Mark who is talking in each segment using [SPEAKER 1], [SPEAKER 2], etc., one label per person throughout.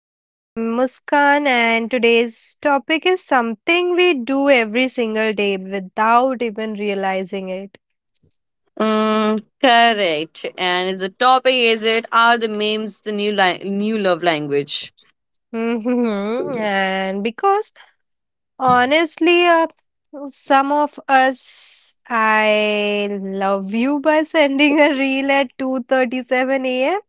[SPEAKER 1] And I am Muskan, and today's topic is something we do every single day without even realizing it.
[SPEAKER 2] Mm, correct. And the topic is, it are the memes the new new love language?
[SPEAKER 1] Mhm. And because honestly, some of us, I love you by sending a reel at 2:37 a.m.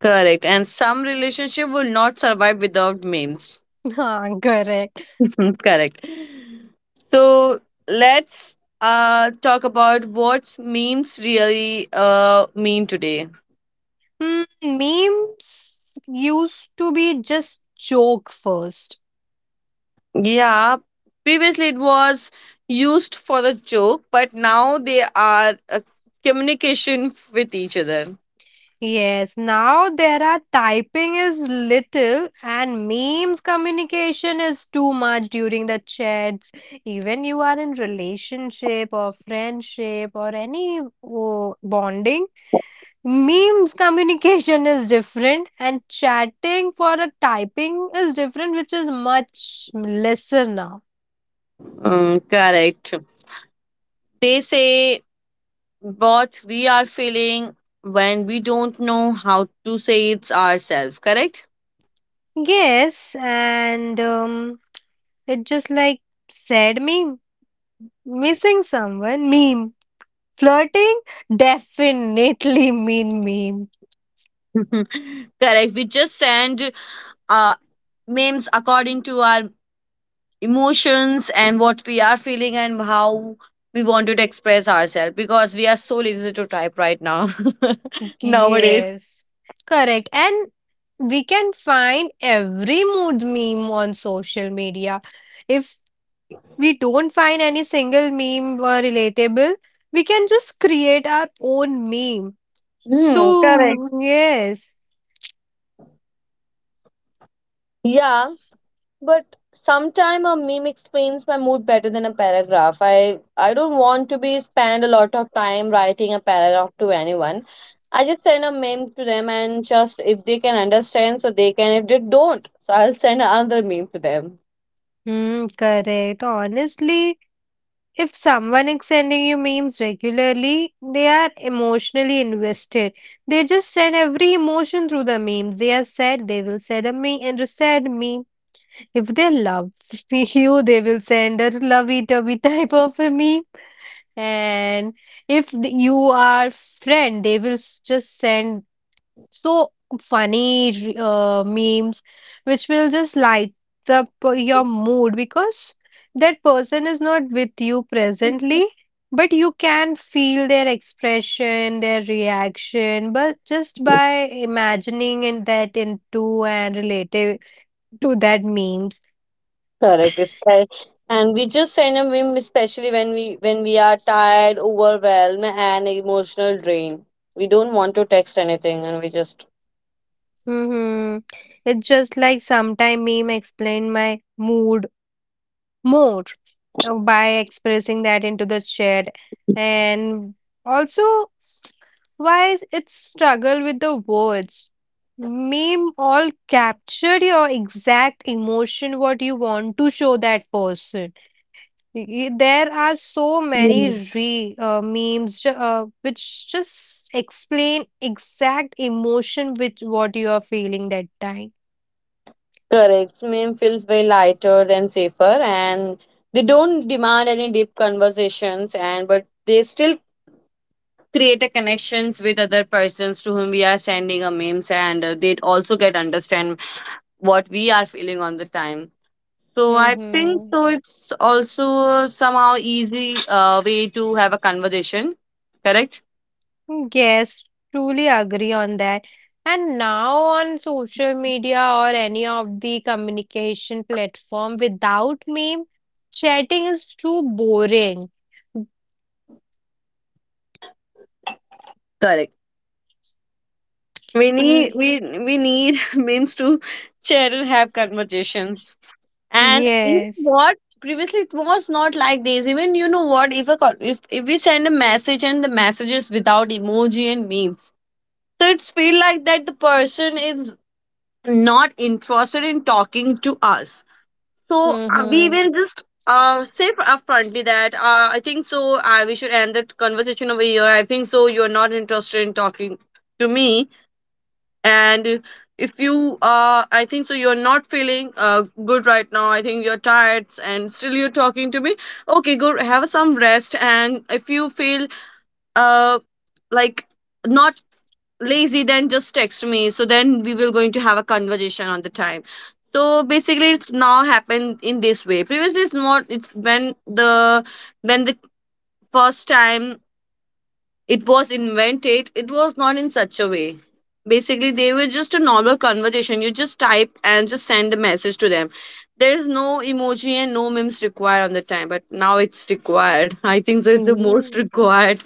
[SPEAKER 2] Correct. And some relationship will not survive without memes.
[SPEAKER 1] Ah, Correct.
[SPEAKER 2] correct. So let's talk about what memes really mean today.
[SPEAKER 1] Mm, memes used to be just joke first.
[SPEAKER 2] Yeah. Previously, it was used for the joke, but now they are a communication with each other.
[SPEAKER 1] Yes, now there are typing is little and memes communication is too much during the chats. Even you are in relationship or friendship or any oh, bonding, memes communication is different and chatting for a typing is different, which is much lesser now.
[SPEAKER 2] Mm, correct. They say what we are feeling when we don't know how to say it's ourselves, correct?
[SPEAKER 1] Yes, and it just like said meme, missing someone meme. Flirting definitely mean mean.
[SPEAKER 2] correct. We just send uh, memes according to our emotions and what we are feeling and how we want to express ourselves because we are so lazy to type right now nowadays.
[SPEAKER 1] Yes, correct. And we can find every mood meme on social media. If we don't find any single meme or relatable, we can just create our own meme.
[SPEAKER 2] Hmm, correct.
[SPEAKER 1] So, yes.
[SPEAKER 2] Yeah, but sometime a meme explains my mood better than a paragraph. I don't want to be spend a lot of time writing a paragraph to anyone. I just send a meme to them, and just if they can understand so they can, if they don't so I'll send another meme to them.
[SPEAKER 1] Hmm, correct. Honestly, if someone is sending you memes regularly, they are emotionally invested. They just send every emotion through the memes. They are sad, they will send a meme and a sad meme. If they love you, they will send a lovey-dovey type of a meme. And if th- you are friend, they will just send so funny memes which will just light up your mood because that person is not with you presently, but you can feel their expression, their reaction, but just by imagining and that into and relative to that memes.
[SPEAKER 2] Correct, and we just send a meme especially when we are tired, overwhelmed and emotional drain. We don't want to text anything, and we just.
[SPEAKER 1] Mm-hmm. It's just like sometime meme explain my mood more, by expressing that into the chat, and also why it's struggle with the words, meme all capture your exact emotion what you want to show that person. There are so many re memes which just explain exact emotion with what you are feeling that time.
[SPEAKER 2] Correct. Meme feels way lighter and safer, and they don't demand any deep conversations, and but they still create a connections with other persons to whom we are sending a memes, and they also get understand what we are feeling on the time. So I think
[SPEAKER 1] Mm-hmm.
[SPEAKER 2] so. It's also somehow easy way to have a conversation. Correct.
[SPEAKER 1] Yes, truly agree on that. And now on social media or any of the communication platform without meme, chatting is too boring.
[SPEAKER 2] Correct. We
[SPEAKER 1] Mm.
[SPEAKER 2] need we we need memes to share and have conversations. And you know
[SPEAKER 1] Yes.
[SPEAKER 2] what? Previously, it was not like this. Even you know what? If if we send a message and the message is without emoji and memes, so it's feel like that the person is not interested in talking to us. So we
[SPEAKER 1] Mm-hmm.
[SPEAKER 2] even just say upfrontly that I think so. We should end the conversation over here. I think so. You are not interested in talking to me, and if you I think so you're not feeling good right now. I think you're tired and still you're talking to me. Okay, go have some rest, and if you feel uh like not lazy, then just text me, so then we will going to have a conversation on the time. So basically it's now happened in this way. Previously it's not. It's when the first time it was invented, it was not in such a way. Basically they were just a normal conversation. You just type and just send a message to them. There's no emoji and no memes required on the time, but now it's required. I think so it's the most
[SPEAKER 1] Mm,
[SPEAKER 2] required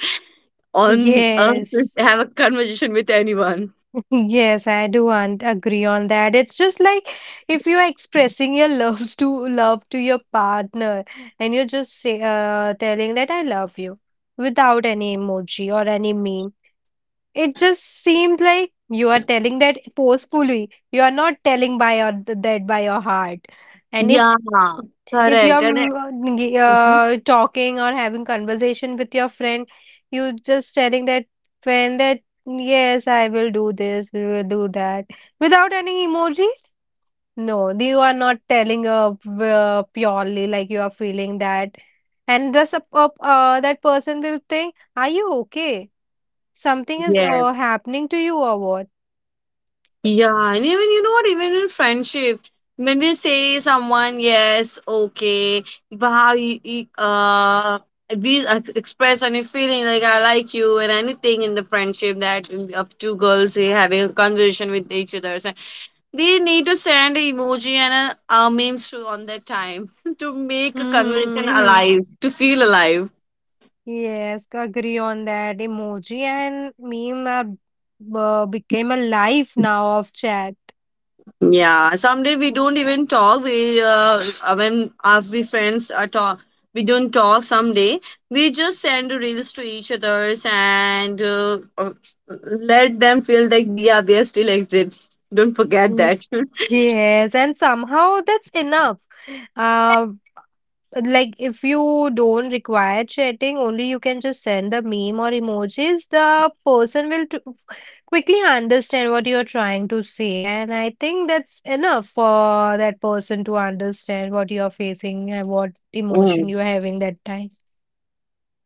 [SPEAKER 2] on earth, is
[SPEAKER 1] yes.
[SPEAKER 2] to have a conversation with anyone.
[SPEAKER 1] Yes, I do and agree on that. It's just like if you are expressing your loves to love to your partner, and you're just say, telling that I love you without any emoji or any meme, it just seemed like you are telling that forcefully. You are not telling by your that by your heart. And
[SPEAKER 2] Yeah,
[SPEAKER 1] if
[SPEAKER 2] correct,
[SPEAKER 1] you're
[SPEAKER 2] Mhm.
[SPEAKER 1] talking or having conversation with your friend, you just telling that friend that yes, I will do this, we will do that without any emojis. No, you are not telling purely like you are feeling that, and this that person will think, "Are you okay? Something is
[SPEAKER 2] Yes.
[SPEAKER 1] happening to you or what?"
[SPEAKER 2] Yeah, and even you know what, even in friendship, when we say someone yes, okay, wow, we express any feeling like I like you and anything in the friendship, that up two girls they having a conversation with each other, so they need to send an emoji and a memes to on that time to make a conversation
[SPEAKER 1] Mhm.
[SPEAKER 2] alive, to feel alive.
[SPEAKER 1] Yes, agree on that. Emoji and meme are, became a life now of chat.
[SPEAKER 2] Yeah, someday we don't even talk. We when our we friends are talk, we don't talk. Someday we just send reels to each others, and let them feel like we are there still exists. Don't forget
[SPEAKER 1] Mhm.
[SPEAKER 2] that.
[SPEAKER 1] Yes, and somehow that's enough. Uh, like if you don't require chatting only, you can just send the meme or emojis, the person will quickly understand what you're trying to say, and I think that's enough for that person to understand what you're facing and what emotion
[SPEAKER 2] Mm.
[SPEAKER 1] you're having that time.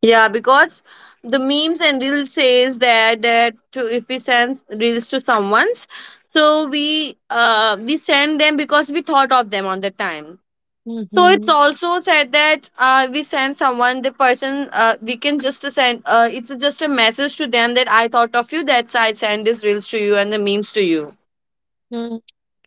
[SPEAKER 2] Yeah, because the memes and reels says that, that to, if we send reels to someone's, so we send them because we thought of them on the time. So it's
[SPEAKER 1] Hmm.
[SPEAKER 2] also said that we send someone, the person, we can just send, it's just a message to them that I thought of you, that's I send these reels to you and the memes to you.
[SPEAKER 1] Mm,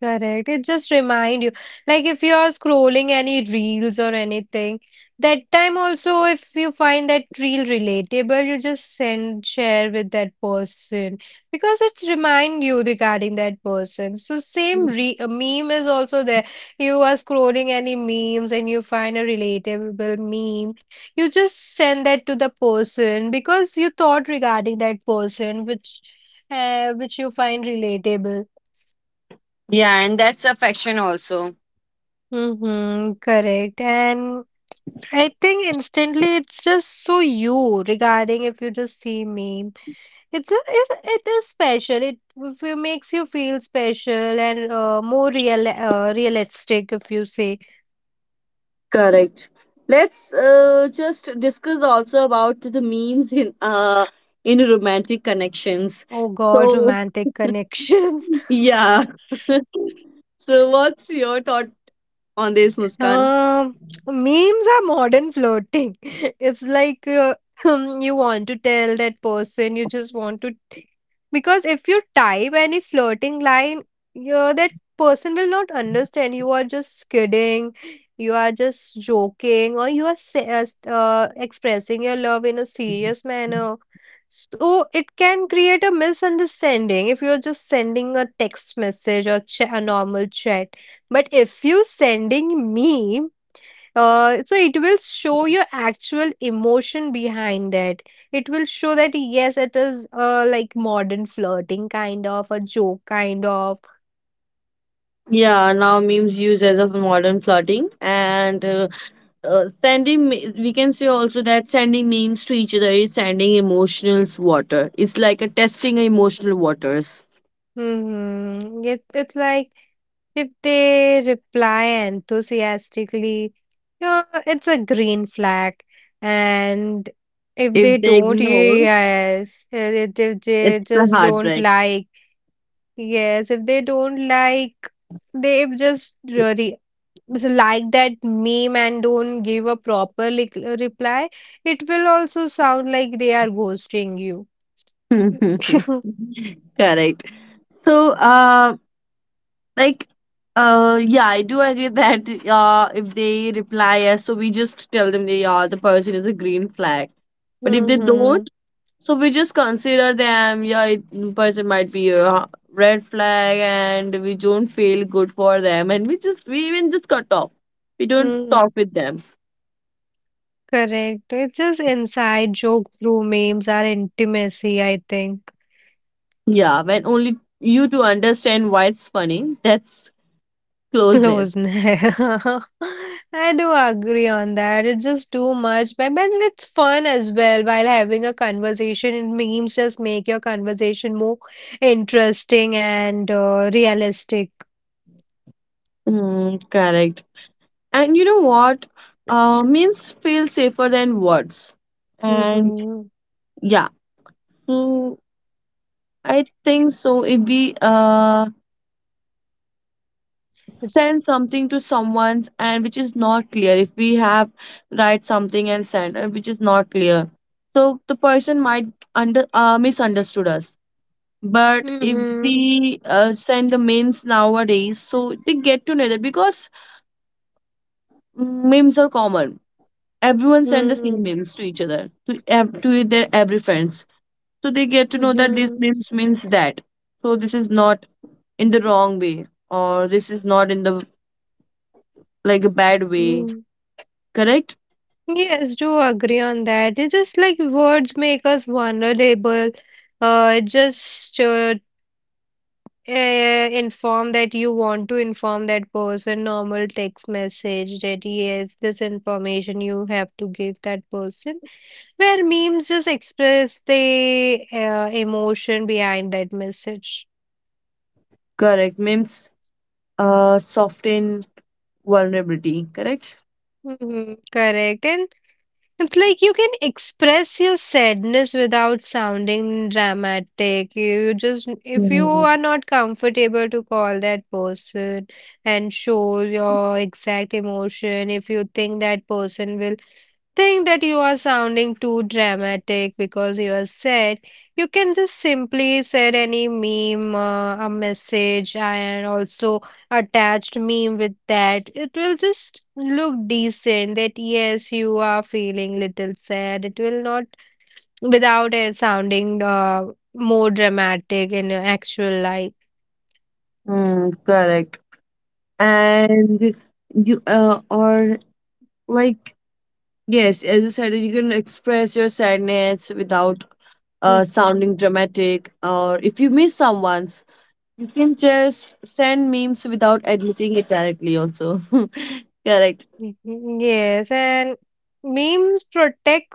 [SPEAKER 1] correct. It just remind you, like if you are scrolling any reels or anything, that time also if you find that reel relatable, you just send share with that person because it's remind you regarding that person. So same re meme is also there. You are scrolling any memes and you find a relatable meme, you just send that to the person because you thought regarding that person, which you find relatable.
[SPEAKER 2] Yeah, and that's affection also.
[SPEAKER 1] Mm-hmm, correct. And I think instantly it's just so you regarding if you just see me. It's a, if it is special. It if it makes you feel special and more real realistic if you say,
[SPEAKER 2] Correct. Let's just discuss also about the memes in romantic connections.
[SPEAKER 1] "Oh God,
[SPEAKER 2] So
[SPEAKER 1] romantic connections."
[SPEAKER 2] yeah. so what's your thought on this, Muskan?
[SPEAKER 1] Um, Memes are modern flirting. It's like you want to tell that person, you just want to. Because if you type any flirting line, yeah, that person will not understand. You are just kidding, you are just joking, or you are expressing your love in a serious manner. So it can create a misunderstanding if you're just sending a text message or a normal chat, but if you sending me, so it will show your actual emotion behind that. It will show that yes, it is like modern flirting, kind of a joke, kind of.
[SPEAKER 2] Yeah, now memes used as of modern flirting, and sending. We can say also that sending memes to each other is sending emotional water. It's like a testing emotional waters.
[SPEAKER 1] Mm-hmm. It's like if they reply enthusiastically, yeah, it's a green flag. And if they
[SPEAKER 2] If they
[SPEAKER 1] don't,
[SPEAKER 2] ignore,
[SPEAKER 1] yes if they
[SPEAKER 2] it's a
[SPEAKER 1] just don't
[SPEAKER 2] heartbreak.
[SPEAKER 1] like. Yes, if they don't like, they if just really like that meme and don't give a proper reply, it will also sound like they are ghosting you.
[SPEAKER 2] Correct. So, like, yeah, I do agree that if they reply yes, so we just tell them they are the person is a green flag. But if they
[SPEAKER 1] Mm-hmm.
[SPEAKER 2] don't, so we just consider them, yeah, it, person might be a red flag, and we don't feel good for them, and we even just cut off. We don't
[SPEAKER 1] Hmm.
[SPEAKER 2] talk with them.
[SPEAKER 1] Correct. It's just inside joke through memes are intimacy, I think.
[SPEAKER 2] Yeah, when only you to understand why it's funny, that's closeness.
[SPEAKER 1] Close. I do agree on that. It's just too much, but it's fun as well while having a conversation. And memes just make your conversation more interesting and realistic.
[SPEAKER 2] Mm, correct. And you know what? Memes feel safer than words. And
[SPEAKER 1] Mm-hmm.
[SPEAKER 2] yeah, so I think so. If we send something to someone's and which is not clear, if we have write something and send which is not clear, so the person might under misunderstood us, but if
[SPEAKER 1] Mm-hmm.
[SPEAKER 2] we send the memes nowadays, so they get to know that, because memes are common, everyone send the same
[SPEAKER 1] Mm-hmm.
[SPEAKER 2] memes to each other to, to their every friends, so they get to know that this memes means that, so this is not in the wrong way, or this is not in the like a bad way.
[SPEAKER 1] Mm-hmm.
[SPEAKER 2] Correct.
[SPEAKER 1] Yes, do agree on that. It's just like words make us vulnerable. It just uh, inform that you want to inform that person normal text message, that yes, this information you have to give that person, where memes just express the emotion behind that message.
[SPEAKER 2] Correct. Means soften vulnerability. Correct.
[SPEAKER 1] Hmm, correct. And it's like you can express your sadness without sounding dramatic. You just if you
[SPEAKER 2] Mm.
[SPEAKER 1] are not comfortable to call that person and show your exact emotion, if you think that person will think that you are sounding too dramatic because you are sad. You can just simply send any meme, a message, and also attached meme with that. It will just look decent that yes, you are feeling little sad. It will not without sounding more dramatic in your actual life.
[SPEAKER 2] Mm, correct. And you or like yes, as you said, you can express your sadness without
[SPEAKER 1] Mhm.
[SPEAKER 2] sounding dramatic. Or if you miss someone's, you can just send memes without admitting it directly. Also, correct.
[SPEAKER 1] Mhm. Yes, and memes protect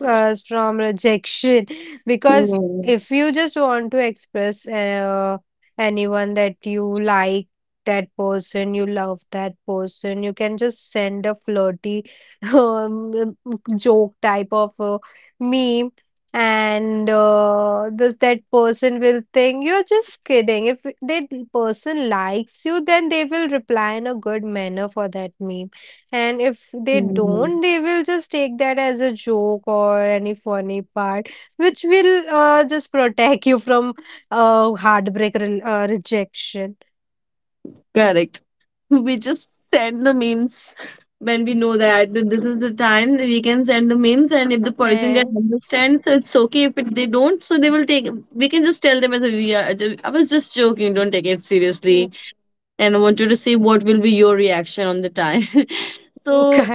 [SPEAKER 1] us from rejection because
[SPEAKER 2] Mm.
[SPEAKER 1] if you just want to express anyone that you like, that person, you love that person, you can just send a flirty um, joke type of meme, and this that person will think you're just kidding. If that person likes you, then they will reply in a good manner for that meme, and if they
[SPEAKER 2] Mm.
[SPEAKER 1] don't, they will just take that as a joke or any funny part, which will just protect you from heartbreak rejection.
[SPEAKER 2] Correct. we just send the memes when we know that this is the time that we can send the memes, and if the person can
[SPEAKER 1] And
[SPEAKER 2] understand, so it's okay. If it, they don't, so they will take, we can just tell them as a we are I was just joking, don't take it seriously, and I want you to see what will be your reaction on the time.
[SPEAKER 1] correct.
[SPEAKER 2] so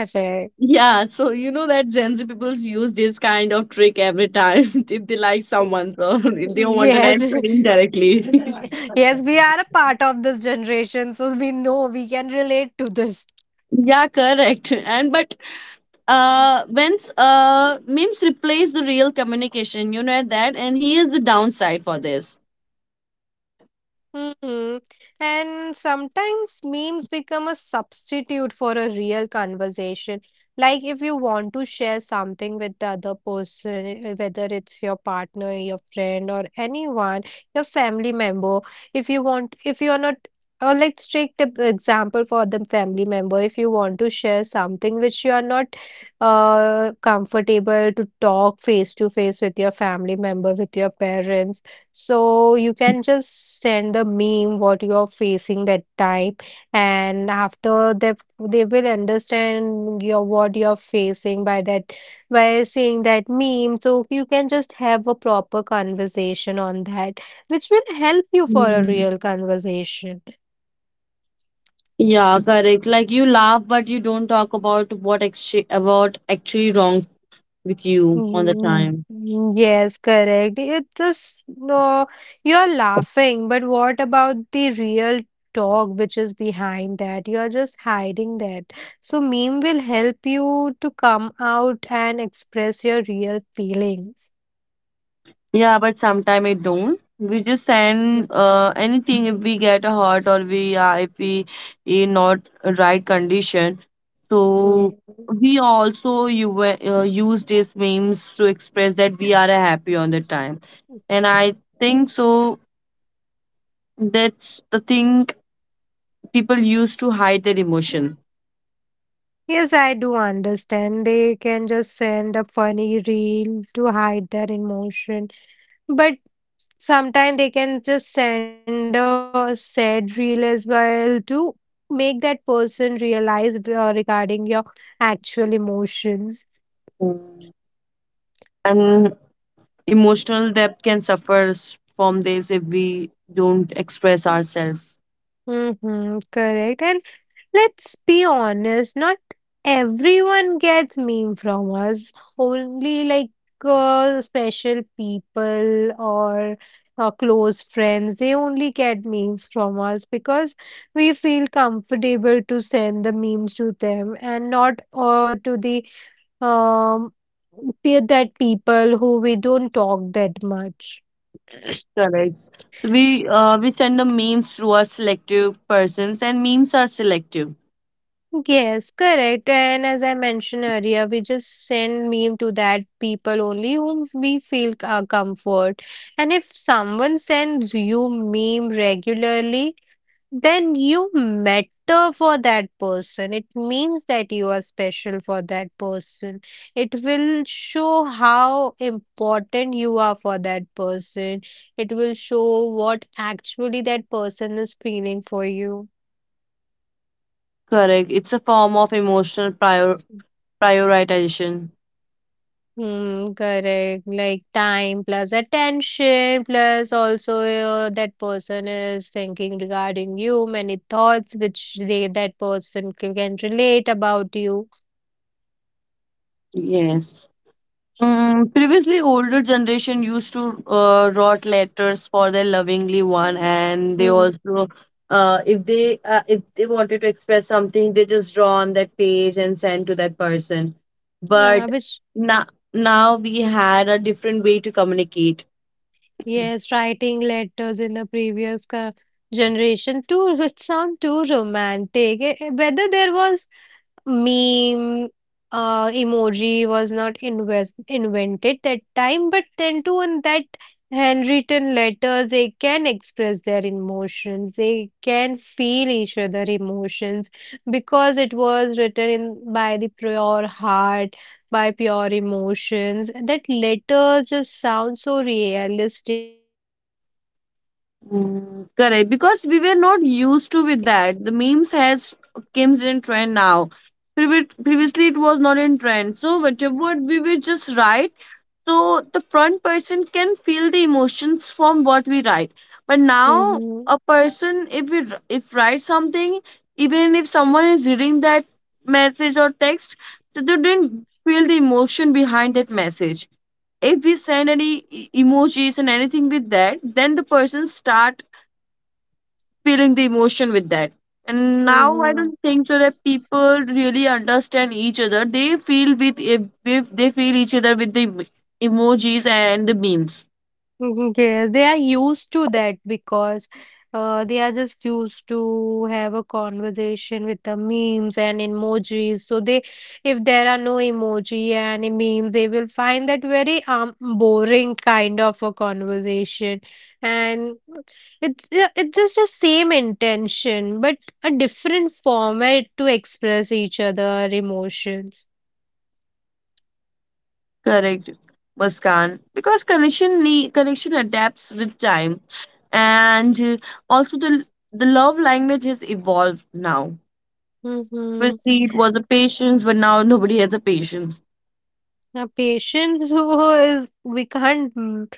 [SPEAKER 2] yeah, so you know that Gen Z people use this kind of trick every time, if they like someone, so if they want an
[SPEAKER 1] Yes,
[SPEAKER 2] answer indirectly.
[SPEAKER 1] yes, we are a part of this generation, so we know we can relate to this.
[SPEAKER 2] Yeah, correct. And but when memes replace the real communication, you know that, and he is the downside for this.
[SPEAKER 1] Mhm. And sometimes memes become a substitute for a real conversation. Like if you want to share something with the other person, whether it's your partner, your friend, or anyone, your family member, if you want, if you are not, or let's take the example for the family member. If you want to share something which you are not comfortable to talk face to face with your family member, with your parents, so you can just send the meme what you are facing that time, and after they will understand your what you are facing by that, by seeing that meme. So you can just have a proper conversation on that, which will help you for a
[SPEAKER 2] Mm.
[SPEAKER 1] real conversation.
[SPEAKER 2] Yeah, correct. Like you laugh, but you don't talk about what actually about actually wrong with you on the
[SPEAKER 1] Mm,
[SPEAKER 2] time.
[SPEAKER 1] mm. Yes, correct. It just no, you're laughing, but what about the real talk which is behind that? You're just hiding that. So meme will help you to come out and express your real feelings.
[SPEAKER 2] Yeah, but sometime it don't. We just send anything if we get a hurt, or we if we in not right condition. So
[SPEAKER 1] Mm.
[SPEAKER 2] we also you use these memes to express that we are happy on the time, and I think so. That's the thing people use to hide their emotion.
[SPEAKER 1] Yes, I do understand. They can just send a funny reel to hide their emotion. But sometimes they can just send a sad reel as well to make that person realize regarding your actual emotions.
[SPEAKER 2] Mm. And emotional depth can suffer from this if we don't express ourselves.
[SPEAKER 1] Mm-hmm, correct. And let's be honest, not everyone gets meme from us. Only like special people or close friends, they only get memes from us because we feel comfortable to send the memes to them and not to the um that people who we don't talk that much.
[SPEAKER 2] Correct. We send the memes to our selective persons, and memes are selective.
[SPEAKER 1] Yes, correct. And as I mentioned earlier, we just send meme to that people only whom we feel comfort. And if someone sends you meme regularly, then you matter for that person. It means that you are special for that person. It will show how important you are for that person. It will show what actually that person is feeling for you.
[SPEAKER 2] Correct. It's a form of emotional prioritization.
[SPEAKER 1] Hmm, correct. Like time plus attention plus also that person is thinking regarding you, many thoughts which they that person can relate about you.
[SPEAKER 2] Yes. Mm, previously, older generation used to write letters for their lovingly one,
[SPEAKER 1] Mm.
[SPEAKER 2] and they
[SPEAKER 1] Mm.
[SPEAKER 2] also, if they wanted to express something, they just draw on that page and send to that person.
[SPEAKER 1] Yeah,
[SPEAKER 2] But
[SPEAKER 1] which
[SPEAKER 2] now now we had a different way to communicate.
[SPEAKER 1] yes, writing letters in the previous generation too would sound too romantic. Whether there was meme, emoji was not invented that time, but then too in that handwritten letters they can express their emotions, they can feel each other emotions, because it was written in by the pure heart, by pure emotions, that letter just sounds so realistic.
[SPEAKER 2] Mm, correct, because we were not used to with that. The memes has came in trend now. Previously it was not in trend, so whatever we will just write, so the front person can feel the emotions from what we write. But now
[SPEAKER 1] Mhm,
[SPEAKER 2] a person, if we if write something, even if someone is reading that message or text, so they didn't feel the emotion behind that message. If we send any emojis and anything with that, then the person start feeling the emotion with that. And now I
[SPEAKER 1] mhm,
[SPEAKER 2] don't think so that people really understand each other. They feel with, if they feel each other with the emojis and the memes.
[SPEAKER 1] mhm. Yes, they are used to that because they are just used to have a conversation with the memes and emojis. So they, if there are no emoji and a meme, they will find that very boring kind of a conversation, and it's just the same intention but a different format to express each other emotions.
[SPEAKER 2] Correct, Muskan. Because connection connection adapts with time, and also the love language has evolved now.
[SPEAKER 1] Mm-hmm.
[SPEAKER 2] First, it was a patience, but now nobody has a patience.
[SPEAKER 1] Now, patience who is we can't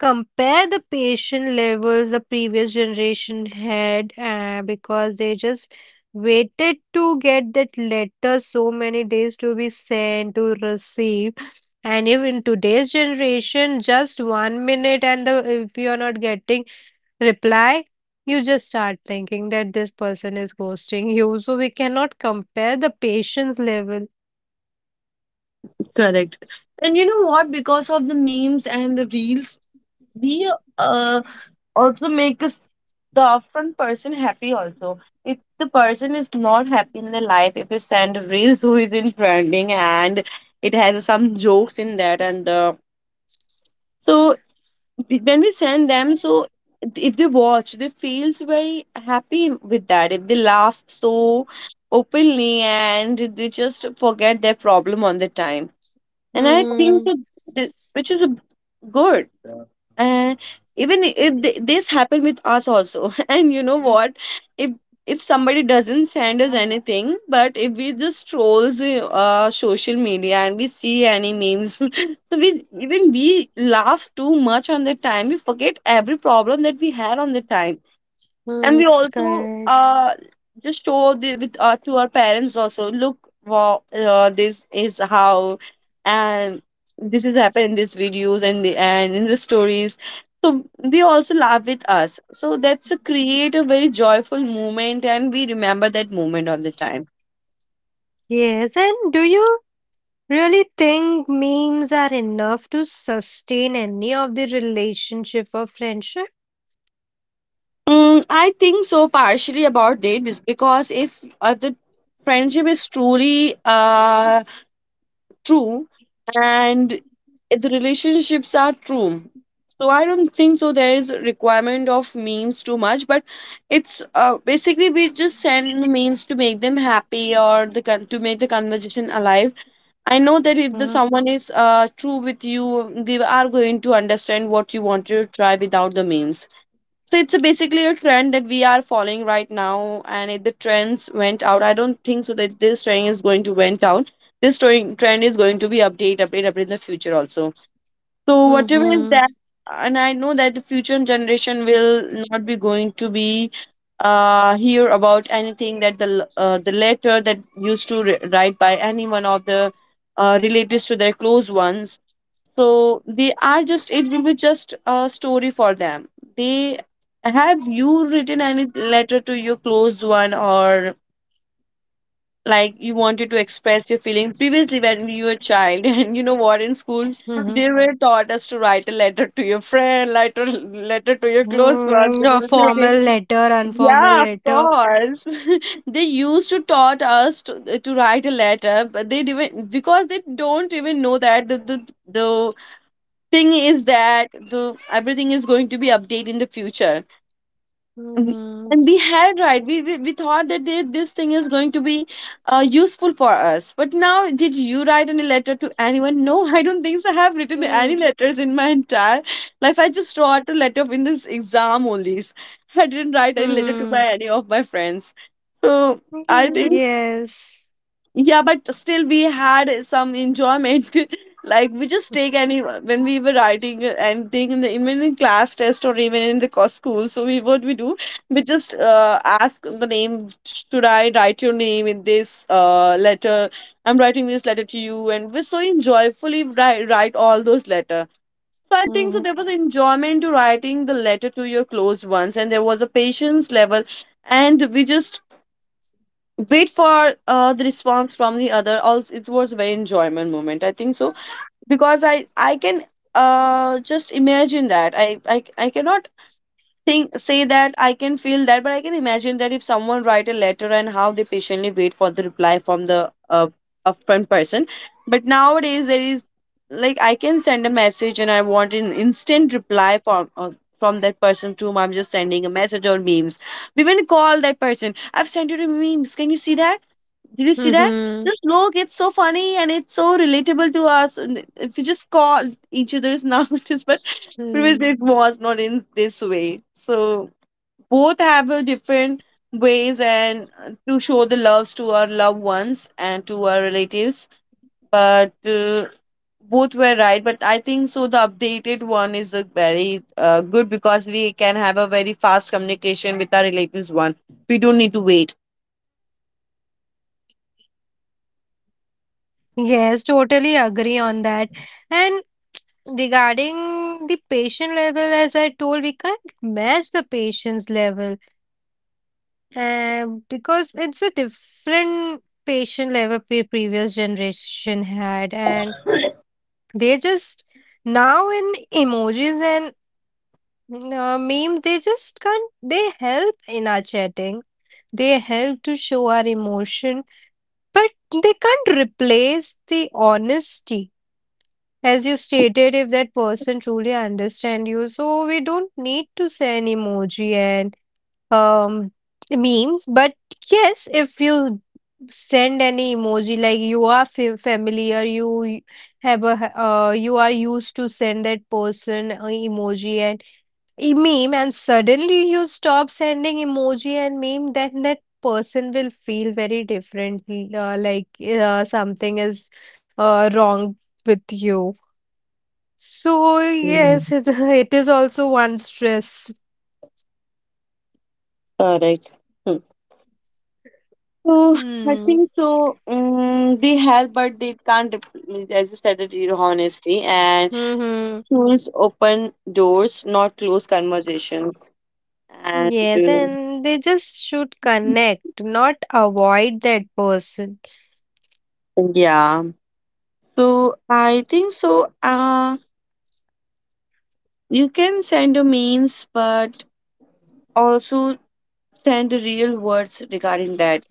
[SPEAKER 1] compare the patient levels the previous generation had, because they just waited to get that letter so many days to be sent to receive. And even today's generation, just 1 minute and the if you are not getting reply, you just start thinking that this person is ghosting you. So we cannot compare the patience level.
[SPEAKER 2] Correct. And you know what? Because of the memes and the reels, we uh, also make us- the upfront person happy also if the person is not happy in their life, if you send reels who is in trending and it has some jokes in that, and so when we send them, so if they watch, they feels very happy with that. If they laugh so openly, and they just forget their problem on the time. And I think
[SPEAKER 1] Mm-hmm.
[SPEAKER 2] that, that- which is a- good. And even if th- this happened with us also and you know what, if if somebody doesn't send us anything, but if we just trolls social media and we see any memes so we even we laugh too much on the time, we forget every problem that we had on the time. And we
[SPEAKER 1] Mm,
[SPEAKER 2] also
[SPEAKER 1] correct.
[SPEAKER 2] just show the with to our parents also. Look, wow, this is how and this is happened in these videos and the and in the stories. So they also laugh with us, so that's a create a very joyful moment, and we remember that moment all the time.
[SPEAKER 1] Yes, and do you really think memes are enough to sustain any of the relationship or friendship?
[SPEAKER 2] Mm, I think so partially about it is because if the friendship is truly true and the relationships are true, so I don't think so there is a requirement of memes too much, but it's basically we just send the memes to make them happy, or to make the conversation alive. I know that if the
[SPEAKER 1] Mm-hmm.
[SPEAKER 2] someone is true with you, they are going to understand what you want to try without the memes. So it's a basically a trend that we are following right now, and if the trends went out, I don't think so that this trend is going to went out. This trend is going to be update, update, update in the future also. So whatever is
[SPEAKER 1] Mm-hmm.
[SPEAKER 2] that, and I know that the future generation will not be going to be hear about anything that the letter that used to write by anyone of the relatives to their close ones. So they are just, it will be just a story for them. They, have you written any letter to your close one, or like you wanted to express your feeling previously when you were a child and you know what, in school
[SPEAKER 1] Mm-hmm.
[SPEAKER 2] they were taught us to write a letter to your friend, letter to your close ones
[SPEAKER 1] Mm,
[SPEAKER 2] and
[SPEAKER 1] a
[SPEAKER 2] your relative.
[SPEAKER 1] formal letter, informal
[SPEAKER 2] Yeah, of
[SPEAKER 1] letter.
[SPEAKER 2] course they used to taught us to write a letter, but they didn't, because they don't even know that the thing is that the, everything is going to be updated in the future. Mhm.
[SPEAKER 1] Mm-hmm.
[SPEAKER 2] And we had right we thought that they, this thing is going to be useful for us, but now did you write any letter to anyone? No I don't think so I have written any letters in my entire life. I just wrote a letter in this exam only. I didn't write any letter to
[SPEAKER 1] Mm-hmm.
[SPEAKER 2] my any of my friends. So I
[SPEAKER 1] Mm-hmm.
[SPEAKER 2] think,
[SPEAKER 1] Yes.
[SPEAKER 2] yeah, but still we had some enjoyment like we just take any when we were writing anything in the even in class test or even in the school, so we what we do, we just ask the name, should I write your name in this letter, I'm writing this letter to you, and we so enjoyfully write all those letter. So I think so
[SPEAKER 1] Mm-hmm.
[SPEAKER 2] there was enjoyment to writing the letter to your close ones, and there was a patience level, and we just wait for the response from the other also. It was a very enjoyment moment, I think so. Because I can just imagine that I cannot think say that I can feel that, but I can imagine that if someone write a letter and how they patiently wait for the reply from the upfront person. But nowadays there is like I can send a message and I want an instant reply from that person to whom I'm just sending a message or memes. We even call that person, I've sent you a memes, can you see that, did you see that?
[SPEAKER 1] Mm-hmm.
[SPEAKER 2] This look, it's so funny and it's so relatable to us. And if you just call each other's nowadays, but
[SPEAKER 1] Mm-hmm.
[SPEAKER 2] previously it was not in this way. So both have a different ways and to show the loves to our loved ones and to our relatives. But both were right. But I think so. The updated one is a very good, because we can have a very fast communication with our relatives. One, we don't need to wait.
[SPEAKER 1] Yes, totally agree on that. And regarding the patient level, as I told, we can't match the patient's level, because it's a different patient level previous generation had, and they just now in emojis and memes, they just can't. They help in our chatting. They help to show our emotion, but they can't replace the honesty. As you stated, if that person truly understand you, so we don't need to send emoji and um memes. But yes, if you send any emoji like you are familiar, you have a, you are used to send that person a emoji and a meme, and suddenly you stop sending emoji and meme, then that person will feel very different. Like, something is wrong with you. So
[SPEAKER 2] Mm.
[SPEAKER 1] yes, it, it is also one stress.
[SPEAKER 2] Correct. So I
[SPEAKER 1] Hmm.
[SPEAKER 2] think so. They help, but they can't. As you said, that your honesty and
[SPEAKER 1] Mm-hmm.
[SPEAKER 2] choose open doors, not close conversations. And
[SPEAKER 1] Yes,
[SPEAKER 2] uh,
[SPEAKER 1] and they just should connect, not avoid that person.
[SPEAKER 2] yeah, so I think so. You can send the memes, but also send the real words regarding that.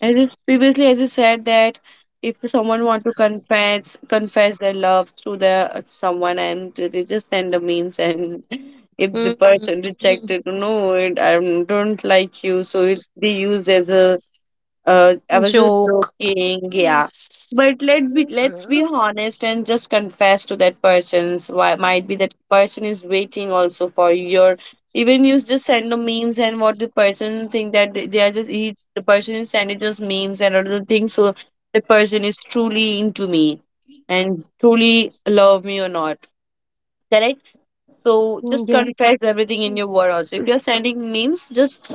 [SPEAKER 2] As is, previously, as you said that if someone want to confess their love to the someone, and they just send the memes, and if the person
[SPEAKER 1] Mm-hmm.
[SPEAKER 2] rejected, no, it, I don't like you, so it, they use as a I was just
[SPEAKER 1] Joke.
[SPEAKER 2] joking, yeah. But let be let's be
[SPEAKER 1] Mhm.
[SPEAKER 2] honest and just confess to that person's, why might be that person is waiting also for your even you just send the memes, and what the person think that they are just he, the person is sending just memes and other things, so the person is truly into me and truly love me or not. Correct? So just
[SPEAKER 1] Yeah.
[SPEAKER 2] confess everything in your word also. If you're sending memes, just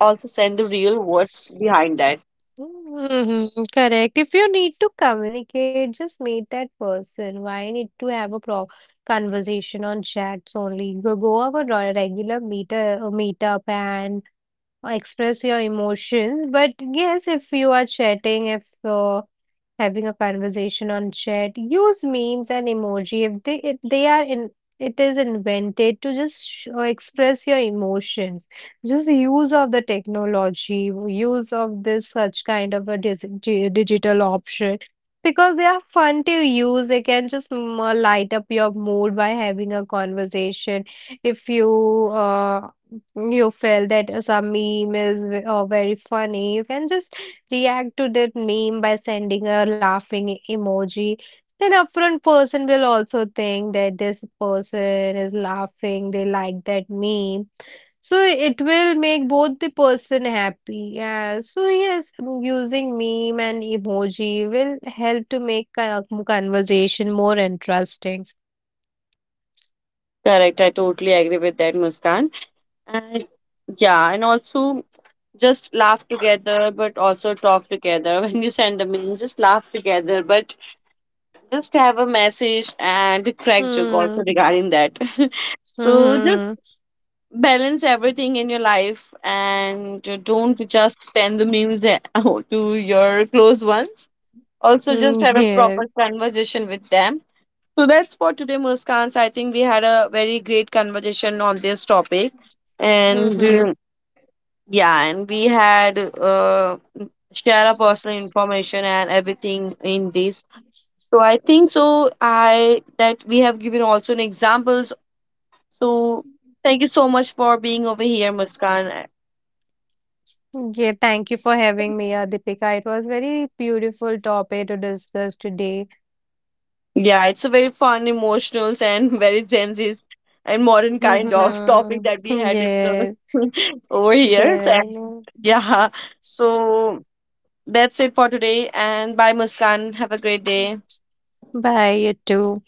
[SPEAKER 2] also send the real words behind that.
[SPEAKER 1] Mm-hmm. Correct. If you need to communicate, just meet that person. Why need to have a pro conversation on chats only? Go, go over a regular meet, meetup, and express your emotions. But yes, if you are chatting, if having a conversation on chat, use memes and emoji. If they, if they are in, it is invented to just express your emotions. Just use of the technology, use of this such kind of a digital option, because they are fun to use, they can just light up your mood by having a conversation. If you, uh, you feel that some meme is very funny, you can just react to that meme by sending a laughing emoji, then upfront person will also think that this person is laughing, they like that meme. So it will make both the person happy. Yeah. So yes, using meme and emoji will help to make conversation more interesting.
[SPEAKER 2] Correct. I totally agree with that, Muskan. And yeah, and also just laugh together, but also talk together. When you send the memes, just laugh together, but just have a message and a crack joke also
[SPEAKER 1] Hmm.
[SPEAKER 2] regarding that. So just
[SPEAKER 1] Hmm.
[SPEAKER 2] balance everything in your life, and don't just send the memes to your close ones. Also, just
[SPEAKER 1] Hmm.
[SPEAKER 2] have a
[SPEAKER 1] Yeah.
[SPEAKER 2] proper conversation with them. So that's for today, Muskans. I think we had a very great conversation on this topic, and
[SPEAKER 1] Hmm.
[SPEAKER 2] yeah, and we had share our personal information and everything in this. So I think so. I that we have given also an examples. So thank you so much for being over here, Muskan.
[SPEAKER 1] Yeah, thank you for having me, Deepika. It was very beautiful topic to discuss today.
[SPEAKER 2] Yeah, it's a very fun, emotional, and very Gen Z and modern kind of topic
[SPEAKER 1] Mm-hmm.
[SPEAKER 2] that we had discussed
[SPEAKER 1] Yes,
[SPEAKER 2] over here. So,
[SPEAKER 1] correct.
[SPEAKER 2] yeah. So that's it for today, and bye Muskan. Have a great day.
[SPEAKER 1] Bye, you too.